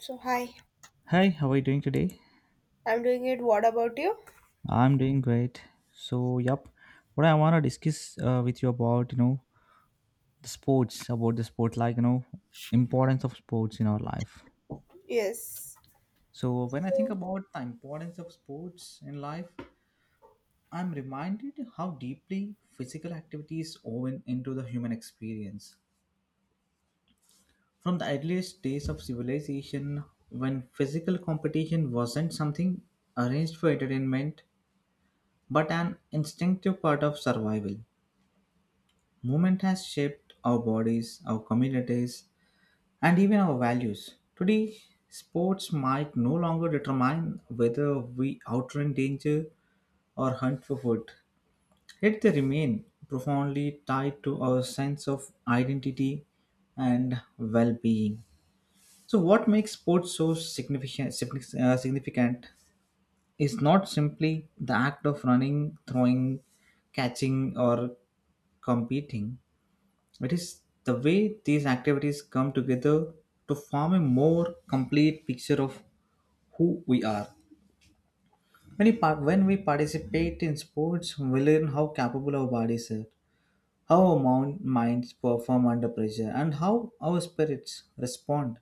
So hi, Hi, how are you doing today? I'm doing it. What about you? I'm doing great. So, yep, what I want to discuss with you about, you know, the sports, about the sport, like, you know, importance of sports in our life. Yes. So, when I think So about the importance of sports in life, I'm reminded how deeply physical activities woven into the human experience. From the earliest days of civilization, when physical competition wasn't something arranged for entertainment, but an instinctive part of survival. Movement has shaped our bodies, our communities, and even our values. Today, sports might no longer determine whether we outrun danger or hunt for food. Yet they remain profoundly tied to our sense of identity and well being. So, what makes sports so significant is not simply the act of running, throwing, catching, or competing. It is the way these activities come together to form a more complete picture of who we are. When we participate in sports, we learn how capable our bodies are, how our minds perform under pressure, and how our spirits respond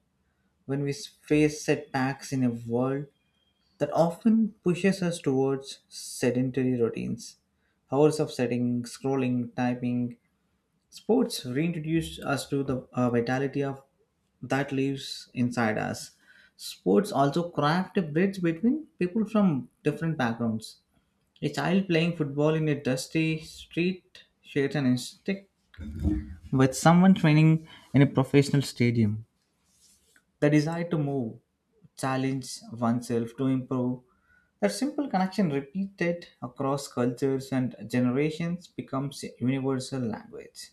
when we face setbacks in a world that often pushes us towards sedentary routines. Hours of sitting, scrolling, typing, sports reintroduced us to the vitality of that lives inside us. Sports also craft a bridge between people from different backgrounds. A child playing football in a dusty street shares an instinct with someone training in a professional stadium. The desire to move, challenge oneself, to improve. That simple connection repeated across cultures and generations becomes a universal language.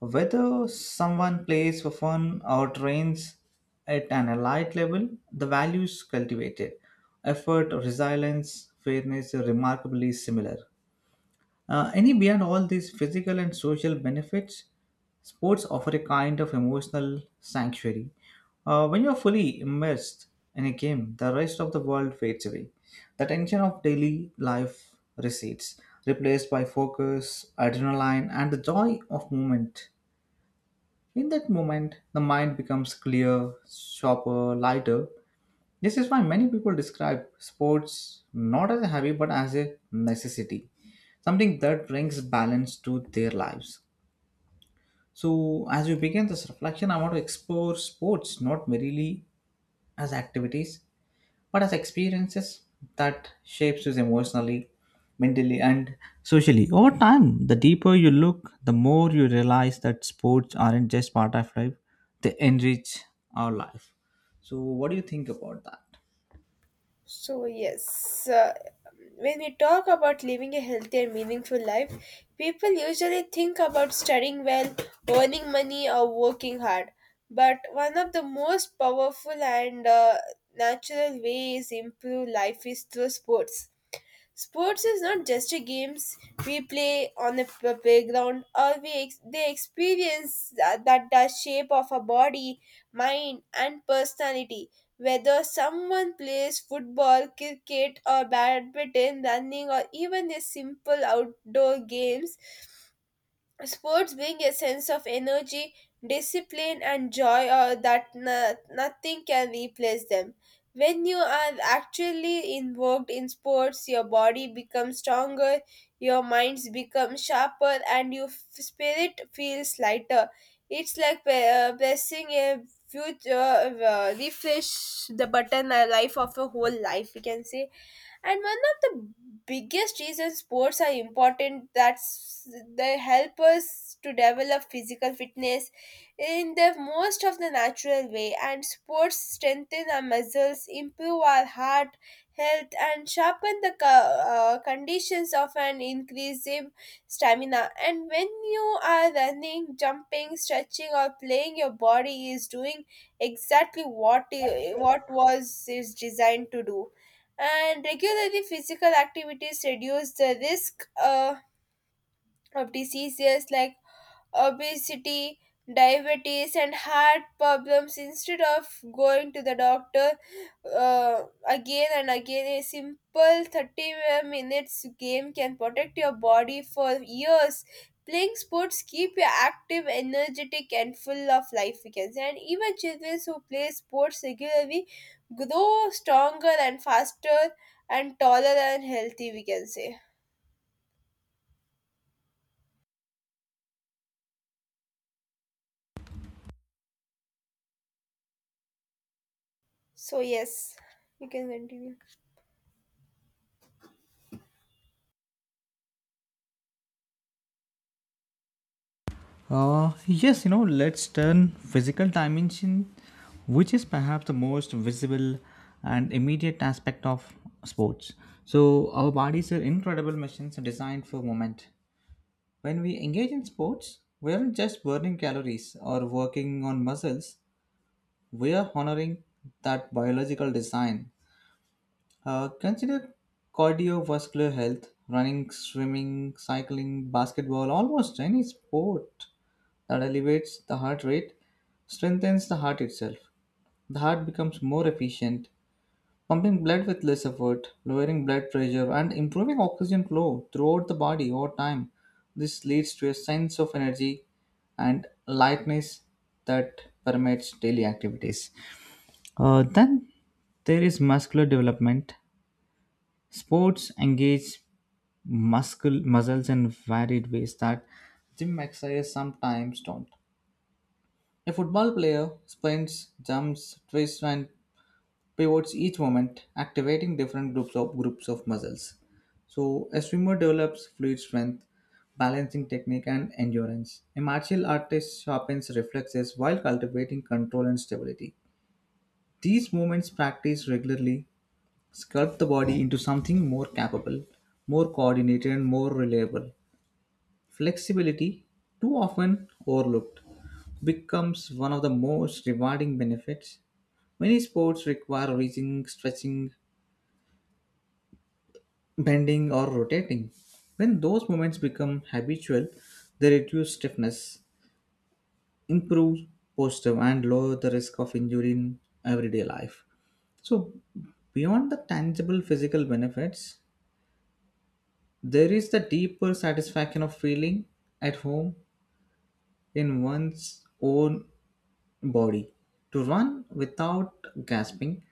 Whether someone plays for fun or trains at an elite level, the values cultivated, effort, resilience, fairness are remarkably similar. Any beyond all these physical and social benefits, sports offer a kind of emotional sanctuary. When you're fully immersed in a game, the rest of the world fades away. The tension of daily life recedes, replaced by focus, adrenaline, and the joy of movement. In that moment, the mind becomes clear, sharper, lighter. This is why many people describe sports not as a hobby but as a necessity, something that brings balance to their lives. So, as we begin this reflection, I want to explore sports not merely as activities but as experiences that shapes you emotionally, mentally, and socially. Over time, the deeper you look, the more you realize that sports aren't just part of life, they enrich our life. So what do you think about that? so yes. When we talk about living a healthy and meaningful life, people usually think about studying well, earning money, or working hard. But one of the most powerful and natural ways improve life is through sports. Sports is not just a games we play on the playground or we they experience that, the shape of our body, mind and personality. Whether someone plays football, cricket or badminton, running or even a simple outdoor games, sports being a sense of energy, discipline, and joy that nothing can replace them. When you are actually involved in sports, your body becomes stronger, your minds become sharper, and your spirit feels lighter. It's like pressing a future refresh the button, a life of a whole life, we can say. And one of the biggest reasons sports are important that's they help us to develop physical fitness in the most of the natural way, and sports strengthen our muscles, improve our heart health, and sharpen the conditions of an increasing stamina. And when you are running, jumping, stretching or playing, your body is doing exactly what was is designed to do. And regularly physical activities reduce the risk of diseases like obesity, diabetes, and heart problems, instead of going to the doctor again and again. A simple 30 minutes game can protect your body for years. Playing sports keep you active, energetic, and full of life. We can say, and even children who play sports regularly grow stronger and faster and taller and healthy. We can say. So yes, we can continue. Yes you know, let's turn physical dimension, which is perhaps the most visible and immediate aspect of sports. So our bodies are incredible machines designed for movement. When we engage in sports, we aren't just burning calories or working on muscles, we are honoring that biological design. Consider cardiovascular health, running, swimming, cycling, basketball, almost any sport that elevates the heart rate strengthens the heart itself. The heart becomes more efficient, pumping blood with less effort, lowering blood pressure, and improving oxygen flow throughout the body over time. This leads to a sense of energy and lightness that permeates daily activities. Then there is muscular development. Sports engage muscles in varied ways that gym exercises sometimes don't. A football player sprints, jumps, twists, and pivots each moment, activating different groups of muscles. So a swimmer develops fluid strength, balancing technique and endurance. A martial artist sharpens reflexes while cultivating control and stability. These movements practiced regularly sculpt the body into something more capable, more coordinated and more reliable. Flexibility, too often overlooked, becomes one of the most rewarding benefits. Many sports require reaching, stretching, bending or rotating. When those movements become habitual, they reduce stiffness, improve posture, and lower the risk of injury in everyday life. So, beyond the tangible physical benefits, there is the deeper satisfaction of feeling at home in one's own body. To run without gasping,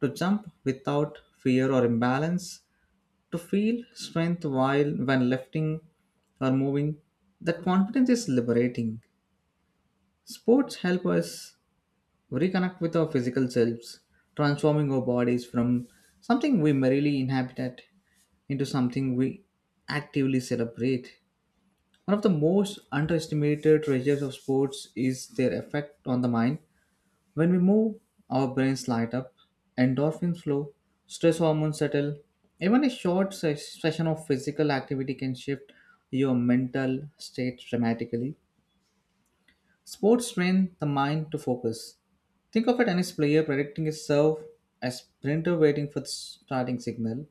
to jump without fear or imbalance, to feel strength while when lifting or moving, that confidence is liberating. Sports help us reconnect with our physical selves, transforming our bodies from something we merely inhabited into something we actively celebrate. One of the most underestimated treasures of sports is their effect on the mind. When we move, our brains light up, endorphins flow, stress hormones settle. Even a short session of physical activity can shift your mental state dramatically. Sports train the mind to focus. Think of a tennis player predicting a serve, a sprinter waiting for the starting signal,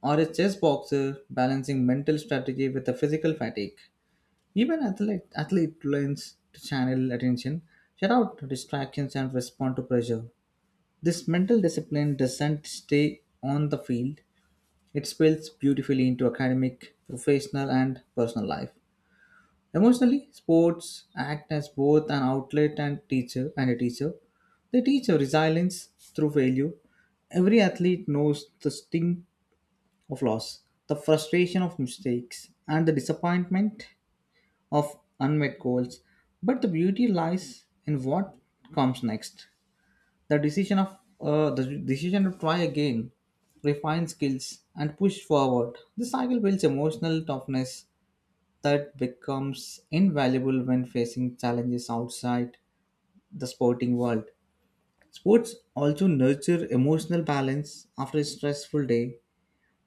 or a chess boxer balancing mental strategy with the physical fatigue. Even athlete learns to channel attention, shut out distractions, and respond to pressure. This mental discipline doesn't stay on the field, it spills beautifully into academic, professional, and personal life. Emotionally, sports act as both an outlet and teacher and a teacher. They teach a resilience through failure. Every athlete knows the sting of loss, the frustration of mistakes, and the disappointment of unmet goals. But the beauty lies in what comes next. The decision to try again, refine skills, and push forward. The cycle builds emotional toughness that becomes invaluable when facing challenges outside the sporting world. Sports also nurture emotional balance after a stressful day.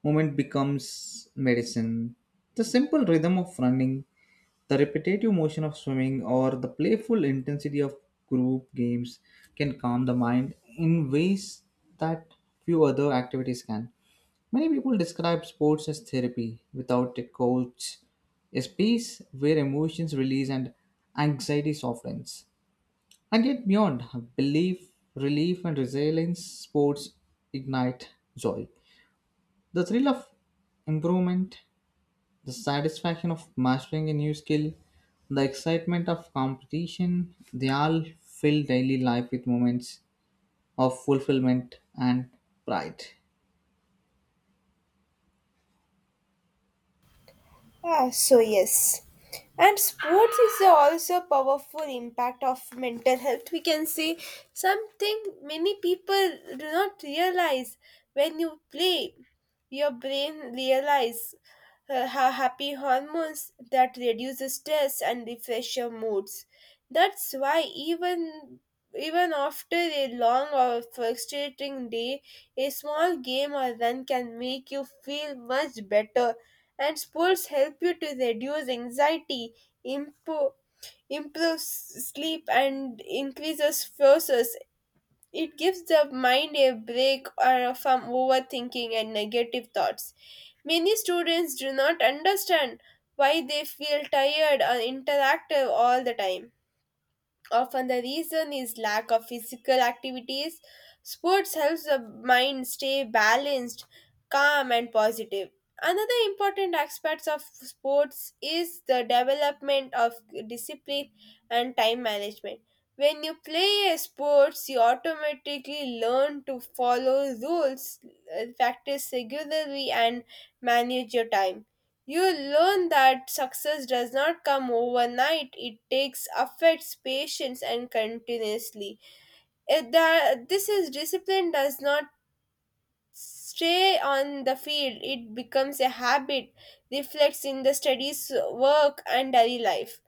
Movement becomes medicine. The simple rhythm of running, the repetitive motion of swimming, or the playful intensity of group games can calm the mind in ways that few other activities can. Many people describe sports as therapy without a coach, a space where emotions release and anxiety softens. And yet, beyond belief, relief, and resilience, sports ignite joy. The thrill of improvement, the satisfaction of mastering a new skill, the excitement of competition, they all fill daily life with moments of fulfillment and pride. Ah, so yes. And sports is also a powerful impact of mental health. We can say something many people do not realize. When you play, your brain realize happy hormones that reduce stress and refresh your moods. That's why even after a long or frustrating day, a small game or run can make you feel much better. And sports help you to reduce anxiety, improve, improve sleep, and increases focus. It gives the mind a break from overthinking and negative thoughts. Many students do not understand why they feel tired or interactive all the time. Often the reason is lack of physical activities. Sports helps the mind stay balanced, calm and positive. Another important aspect of sports is the development of discipline and time management. When you play a sports, you automatically learn to follow rules, practice regularly and manage your time. You learn that success does not come overnight. It takes efforts, patience, and continuously. If the, this is discipline does not stay on the field. It becomes a habit, reflects in the studies, work, and daily life.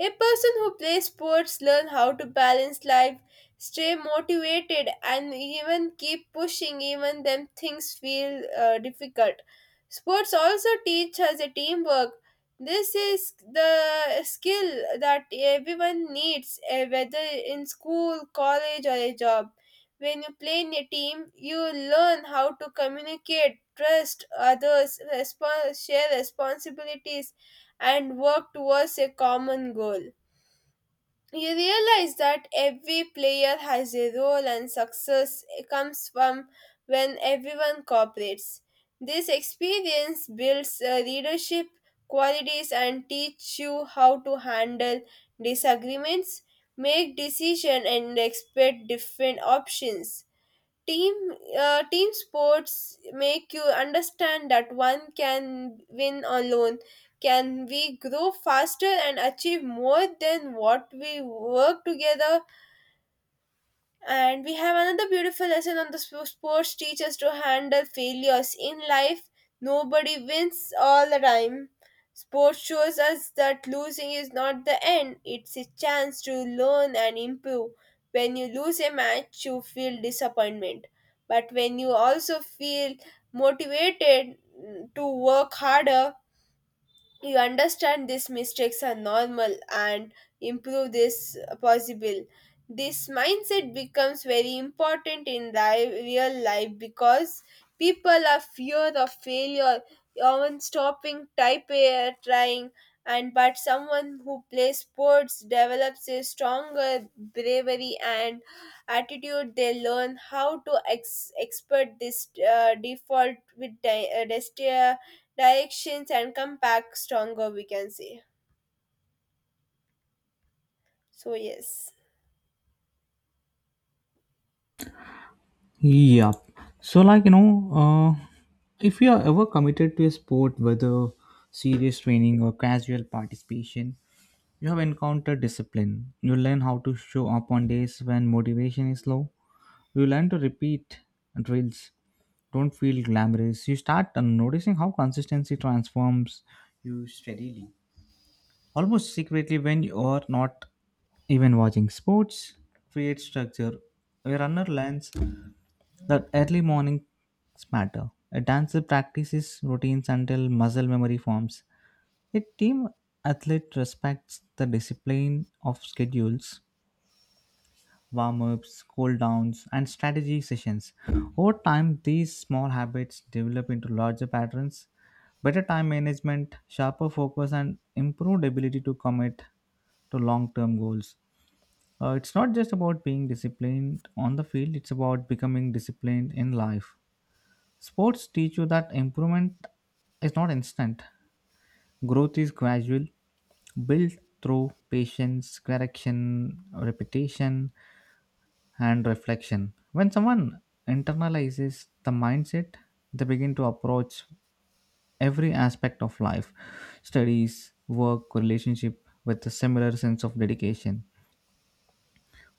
A person who plays sports learns how to balance life, stay motivated, and even keep pushing even when things feel difficult. Sports also teach us a teamwork. This is the skill that everyone needs, eh, whether in school, college, or a job. When you play in a team, you learn how to communicate, trust others, share responsibilities, and work towards a common goal. You realize that every player has a role and success comes from when everyone cooperates. This experience builds leadership qualities and teach you how to handle disagreements, make decisions and expect different options. Team team sports make you understand that one can win alone. Can we grow faster and achieve more than what we work together? And we have another beautiful lesson on the sports teachers to handle failures. In life, nobody wins all the time. Sports shows us that losing is not the end, it's a chance to learn and improve. When you lose a match, you feel disappointment. But when you also feel motivated mm, to work harder, you understand these mistakes are normal and improve this possible. This mindset becomes very important in real life because people are fear of failure often stopping type air trying and but someone who plays sports develops a stronger bravery and attitude. They learn how to expert this default with di- desti- directions and come back stronger, we can say. So yes. Yeah. So, like, you know, uh, if you are ever committed to a sport, whether serious training or casual participation, you have encountered discipline. You learn how to show up on days when motivation is low. You learn to repeat drills don't feel glamorous, you start noticing how consistency transforms you steadily. Almost secretly, when you are not even watching sports, create structure. A runner learns that early mornings matter. A dancer practices routines until muscle memory forms. A team athlete respects the discipline of schedules, warm ups, cool downs, and strategy sessions. Over time, these small habits develop into larger patterns, better time management, sharper focus, and improved ability to commit to long term goals. It's not just about being disciplined on the field, it's about becoming disciplined in life. Sports teach you that improvement is not instant, growth is gradual, built through patience, correction, repetition, and reflection. When someone internalizes the mindset, they begin to approach every aspect of life, studies, work, relationship, with a similar sense of dedication.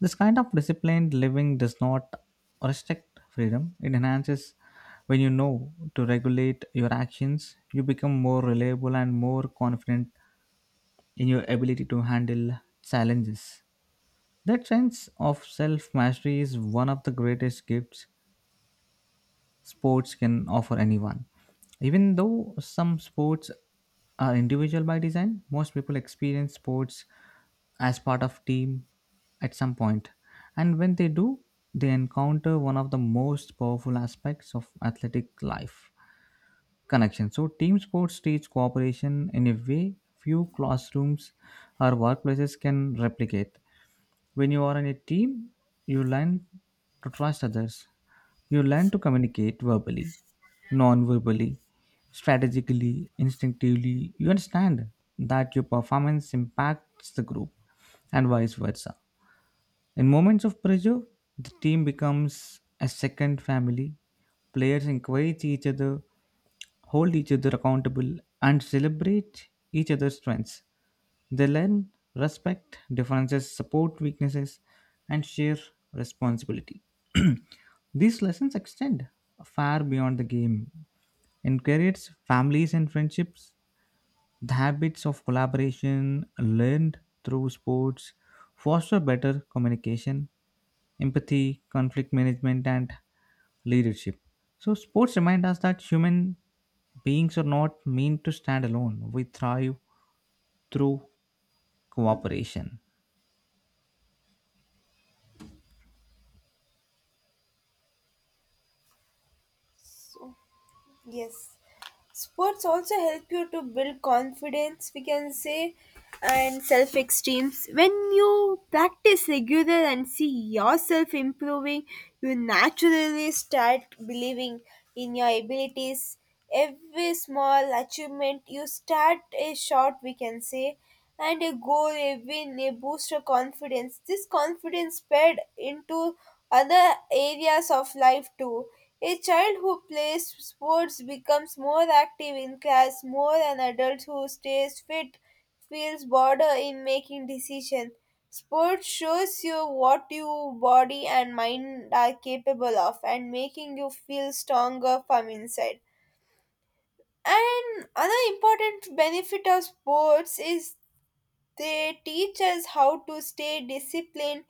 This kind of disciplined living does not restrict freedom, it enhances when you know to regulate your actions, you become more reliable and more confident in your ability to handle challenges. That sense of self mastery is one of the greatest gifts sports can offer anyone. Even though some sports are individual by design, most people experience sports as part of team at some point. And when they do, they encounter one of the most powerful aspects of athletic life, connection. So team sports teach cooperation in a way few classrooms or workplaces can replicate. When you are in a team, you learn to trust others. You learn to communicate verbally, non verbally, strategically, instinctively. You understand that your performance impacts the group and vice versa. In moments of pressure, the team becomes a second family. Players encourage each other, hold each other accountable, and celebrate each other's strengths. They learn respect, differences, support weaknesses, and share responsibility. These lessons extend far beyond the game. In careers, families and friendships. The habits of collaboration learned through sports foster better communication, empathy, conflict management, and leadership. So, sports remind us that human beings are not meant to stand alone. We thrive through cooperation. So, yes. Sports also help you to build confidence, we can say, and self esteems. When you practice regular and see yourself improving, you naturally start believing in your abilities. Every small achievement you start a short, we can say, and a goal, a win, a boost of confidence. This confidence spread into other areas of life too. A child who plays sports becomes more active in class, more an adult who stays fit feels better in making decisions. Sport shows you what your body and mind are capable of and making you feel stronger from inside. And another important benefit of sports is they teach us how to stay disciplined,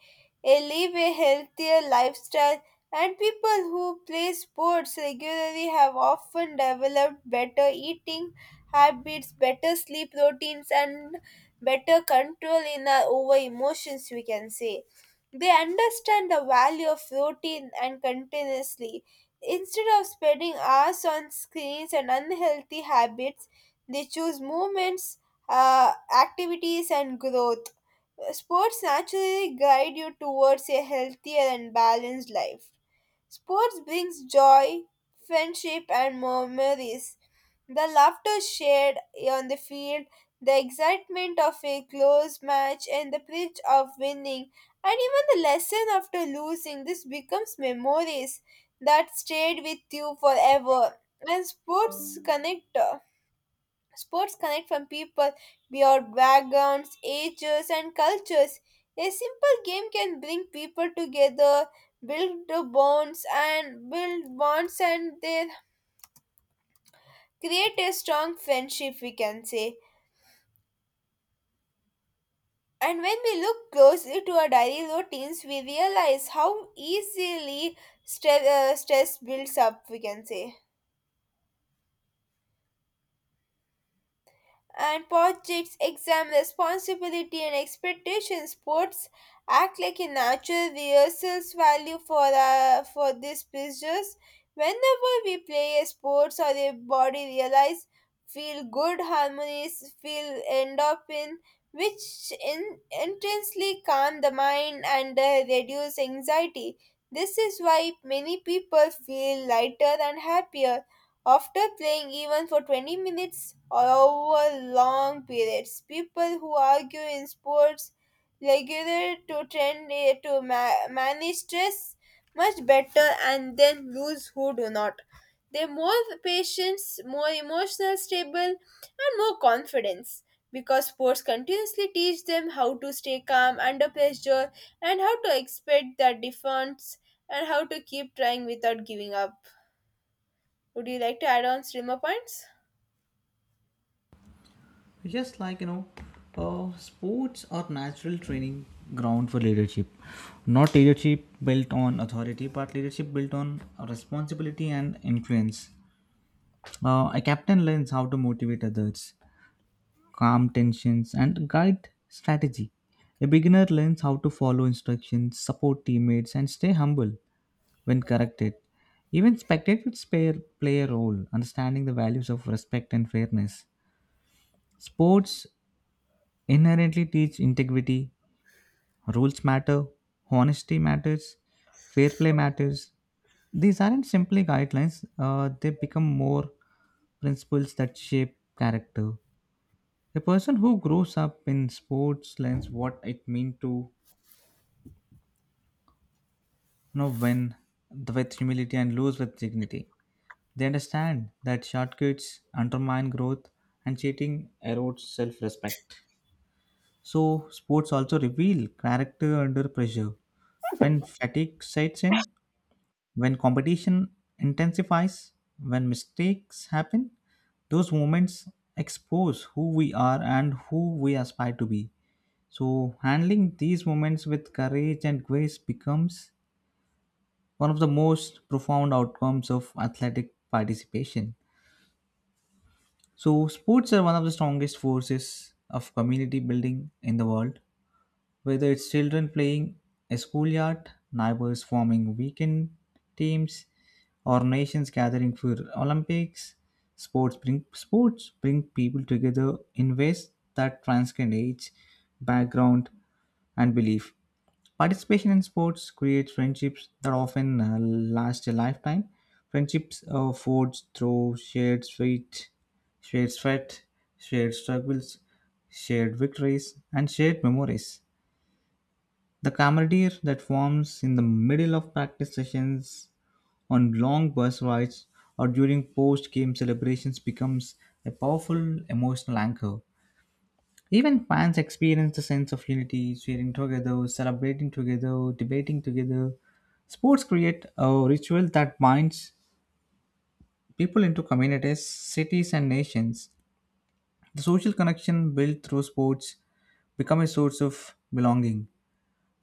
eh, live a healthier lifestyle, and people who play sports regularly have often developed better eating habits, better sleep routines, and better control in our over emotions, we can say. They understand the value of routine and continuously. Instead of spending hours on screens and unhealthy habits, they choose movements, activities and growth. Sports naturally guide you towards a healthier and balanced life. Sports brings joy, friendship, and memories. The laughter shared on the field, the excitement of a close match, and the thrill of winning, and even the lesson after losing, this becomes memories that stayed with you forever. And Sports connect from people beyond backgrounds, ages, and cultures. A simple game can bring people together, build bonds, and they create a strong friendship, we can say. And when we look closely to our daily routines, we realize how easily stress builds up, we can say, and projects examine responsibility and expectations. Sports act like a natural rehearsals value for these pleasures. Whenever we play a sports or a body realize feel good harmonies feel endorphin which intensely calm the mind and reduce anxiety. This is why many people feel lighter and happier after playing even for 20 minutes or over long periods. People who argue in sports regular to trend eh, to manage stress much better and then lose who do not. They're more patient, more emotional stable, and more confidence because sports continuously teach them how to stay calm under pressure and how to expect their defense and how to keep trying without giving up. Would you like to add on streamer points? Just like you know, sports are natural training ground for leadership. Not leadership built on authority, but leadership built on responsibility and influence. A captain learns how to motivate others, calm tensions, and guide strategy. A beginner learns how to follow instructions, support teammates, and stay humble when corrected. Even spectators play a role, understanding the values of respect and fairness. Sports inherently teach integrity. Rules matter, honesty matters, fair play matters. These aren't simply guidelines, they become more principles that shape character. A person who grows up in sports learns what it means to, you know, win with humility and lose with dignity. They understand that shortcuts undermine growth and cheating erodes self respect. So, sports also reveal character under pressure. When fatigue sets in, when competition intensifies, when mistakes happen, those moments expose who we are and who we aspire to be. So, handling these moments with courage and grace becomes one of the most profound outcomes of athletic participation. So, sports are one of the strongest forces of community building in the world. Whether it's children playing a schoolyard, neighbors forming weekend teams, or nations gathering for Olympics, sports bring people together in ways that transcend age, background, and belief. Participation in sports creates friendships that often last a lifetime. Friendships are forged through shared sweat, shared struggles, shared victories, and shared memories. The camaraderie that forms in the middle of practice sessions, on long bus rides, or during post game celebrations becomes a powerful emotional anchor. Even fans experience the sense of unity, cheering together, celebrating together, debating together. Sports create a ritual that binds people into communities, cities, and nations. The social connection built through sports become a source of belonging,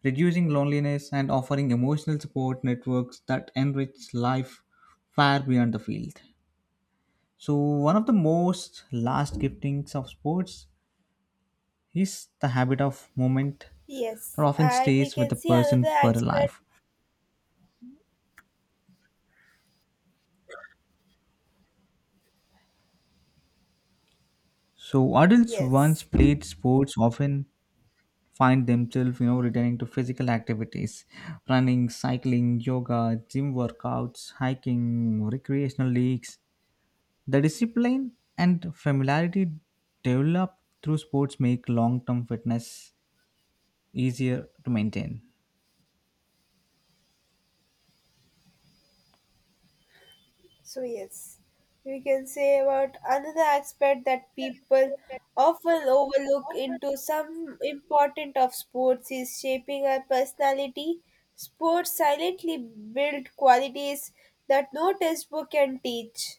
reducing loneliness and offering emotional support networks that enrich life far beyond the field. So, one of the most last giftings of sports is the habit of movement that Yes, often and we stays with a can see person another for a aspect. life. So, adults once Yes, played sports often find themselves, you know, returning to physical activities, running, cycling, yoga, gym workouts, hiking, recreational leagues. The discipline and familiarity developed through sports make long term fitness easier to maintain. so yes, we can say about another aspect that people often overlook into some important of sports is shaping our personality. Sports silently build qualities that no textbook can teach.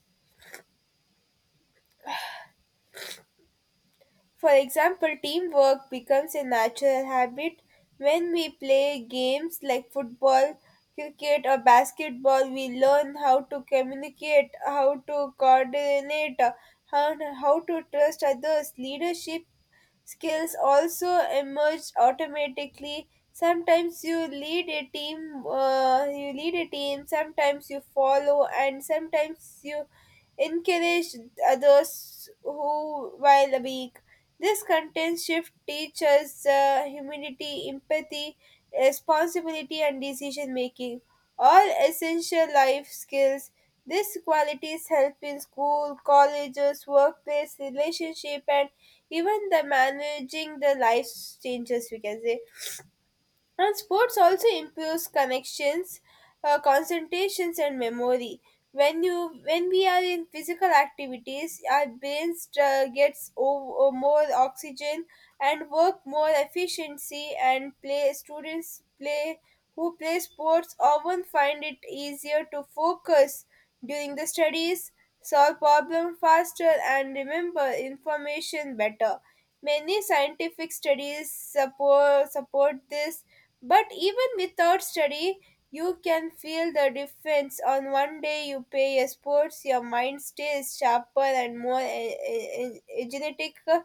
For example, teamwork becomes a natural habit when we play games like football, cricket, or basketball. We learn how to communicate, how to coordinate, how to trust others. Leadership skills also emerge automatically. Sometimes you lead a team, you lead a team. Sometimes you follow, and sometimes you encourage others who while weak. This content shift teaches humility, empathy, responsibility, and decision making, all essential life skills. These qualities help in school, colleges, workplace, relationship, and even the managing the life changes, we can say. And sports also improves connections, concentrations, and memory. When we are in physical activities, our brains gets more oxygen and work more efficiency. And play students play who play sports often find it easier to focus during the studies, solve problem faster, and remember information better. Many scientific studies support this, but even without study, you can feel the difference. On one day you play a sports, your mind stays sharper and more genetic.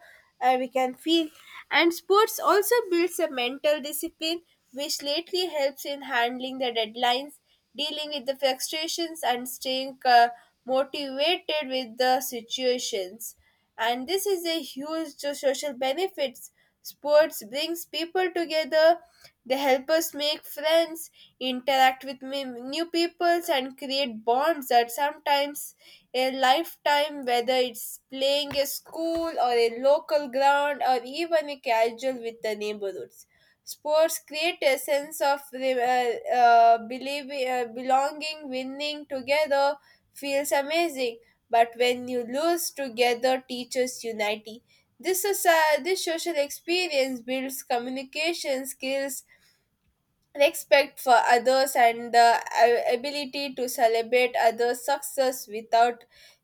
We can feel, and sports also builds a mental discipline, which lately helps in handling the deadlines, dealing with the frustrations, and staying motivated with the situations. And this is a huge to social benefits. Sports brings people together, they help us make friends, interact with new peoples and create bonds that sometimes a lifetime, whether it's playing a school or a local ground or even a casual with the neighborhoods. Sports create a sense of belonging. Winning together feels amazing. But when you lose together, teaches unity. This social experience builds communication skills, respect for others and the ability to celebrate others' success without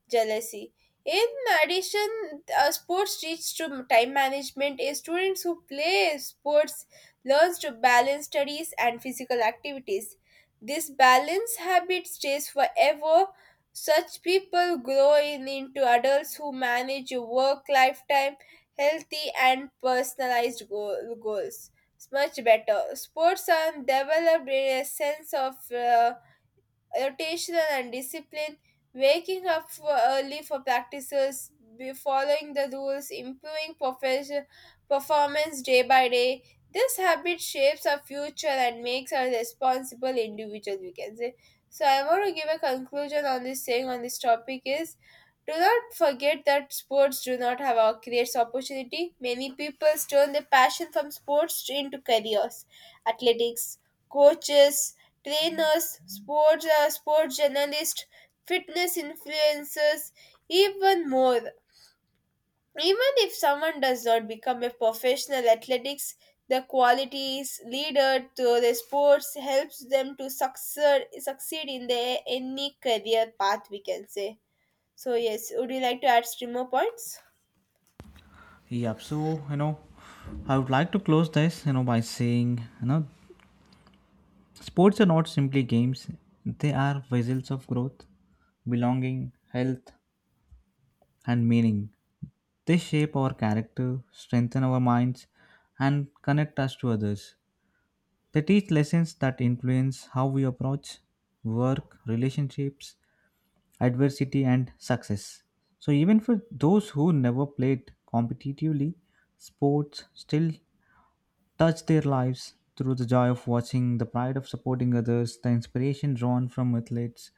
jealousy. In addition, sports teach to time management. A students who play sports learns to balance studies and physical activities. This balance habit stays forever. Such people into adults who manage work lifetime, healthy and personalized goals. It's much better. Sports are developed in a sense of rotational and discipline, waking up for early for practices, be following the rules, improving profession, performance day by day. This habit shapes our future and makes our responsible individual, we can say. So I want to give a conclusion on this, saying on this topic is do not forget that sports do not have a career opportunity. Many people turn their passion from sports into careers. Athletics, coaches, trainers, sports journalists, fitness influencers, even more. Even if someone does not become a professional athletics, the qualities leader to the sports helps them to succeed in their any career path, we can say. So yes, would you like to add streamer points? Yep. So, you know, I would like to close this, you know, by saying, you know, sports are not simply games, they are vessels of growth, belonging, health, and meaning. They shape our character, strengthen our minds, and connect us to others. They teach lessons that influence how we approach work, relationships, adversity and success. So even for those who never played competitively, sports still touch their lives through the joy of watching, the pride of supporting others, the inspiration drawn from athletes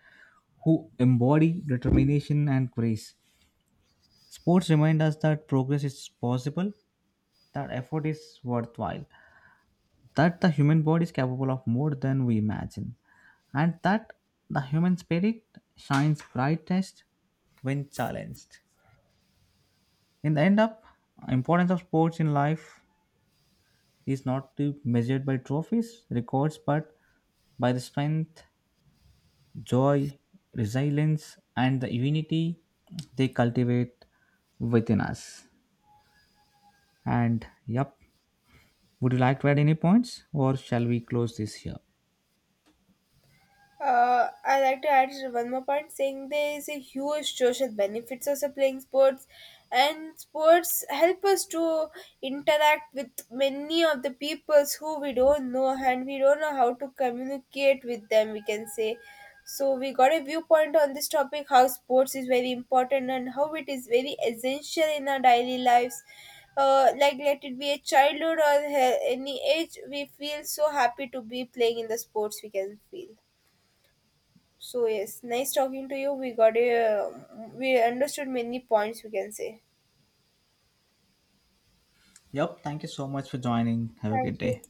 who embody determination and grace. Sports remind us that progress is possible, that effort is worthwhile, that the human body is capable of more than we imagine, and that the human spirit shines brightest when challenged. In the end up, importance of sports in life is not to be measured by trophies, records, but by the strength, joy, resilience, and the unity they cultivate within us. And yep, would you like to add any points or shall we close this here? I like to add one more point saying there is a huge social benefits also playing sports, and sports help us to interact with many of the peoples who we don't know and we don't know how to communicate with them, we can say. So we got a viewpoint on this topic how sports is very important and how it is very essential in our daily lives. Like let it be a childhood or any age, we feel so happy to be playing in the sports, we can feel. So yes, nice talking to you. We understood many points, we can say. Yep, thank you so much for joining. Have a Thank good you. day.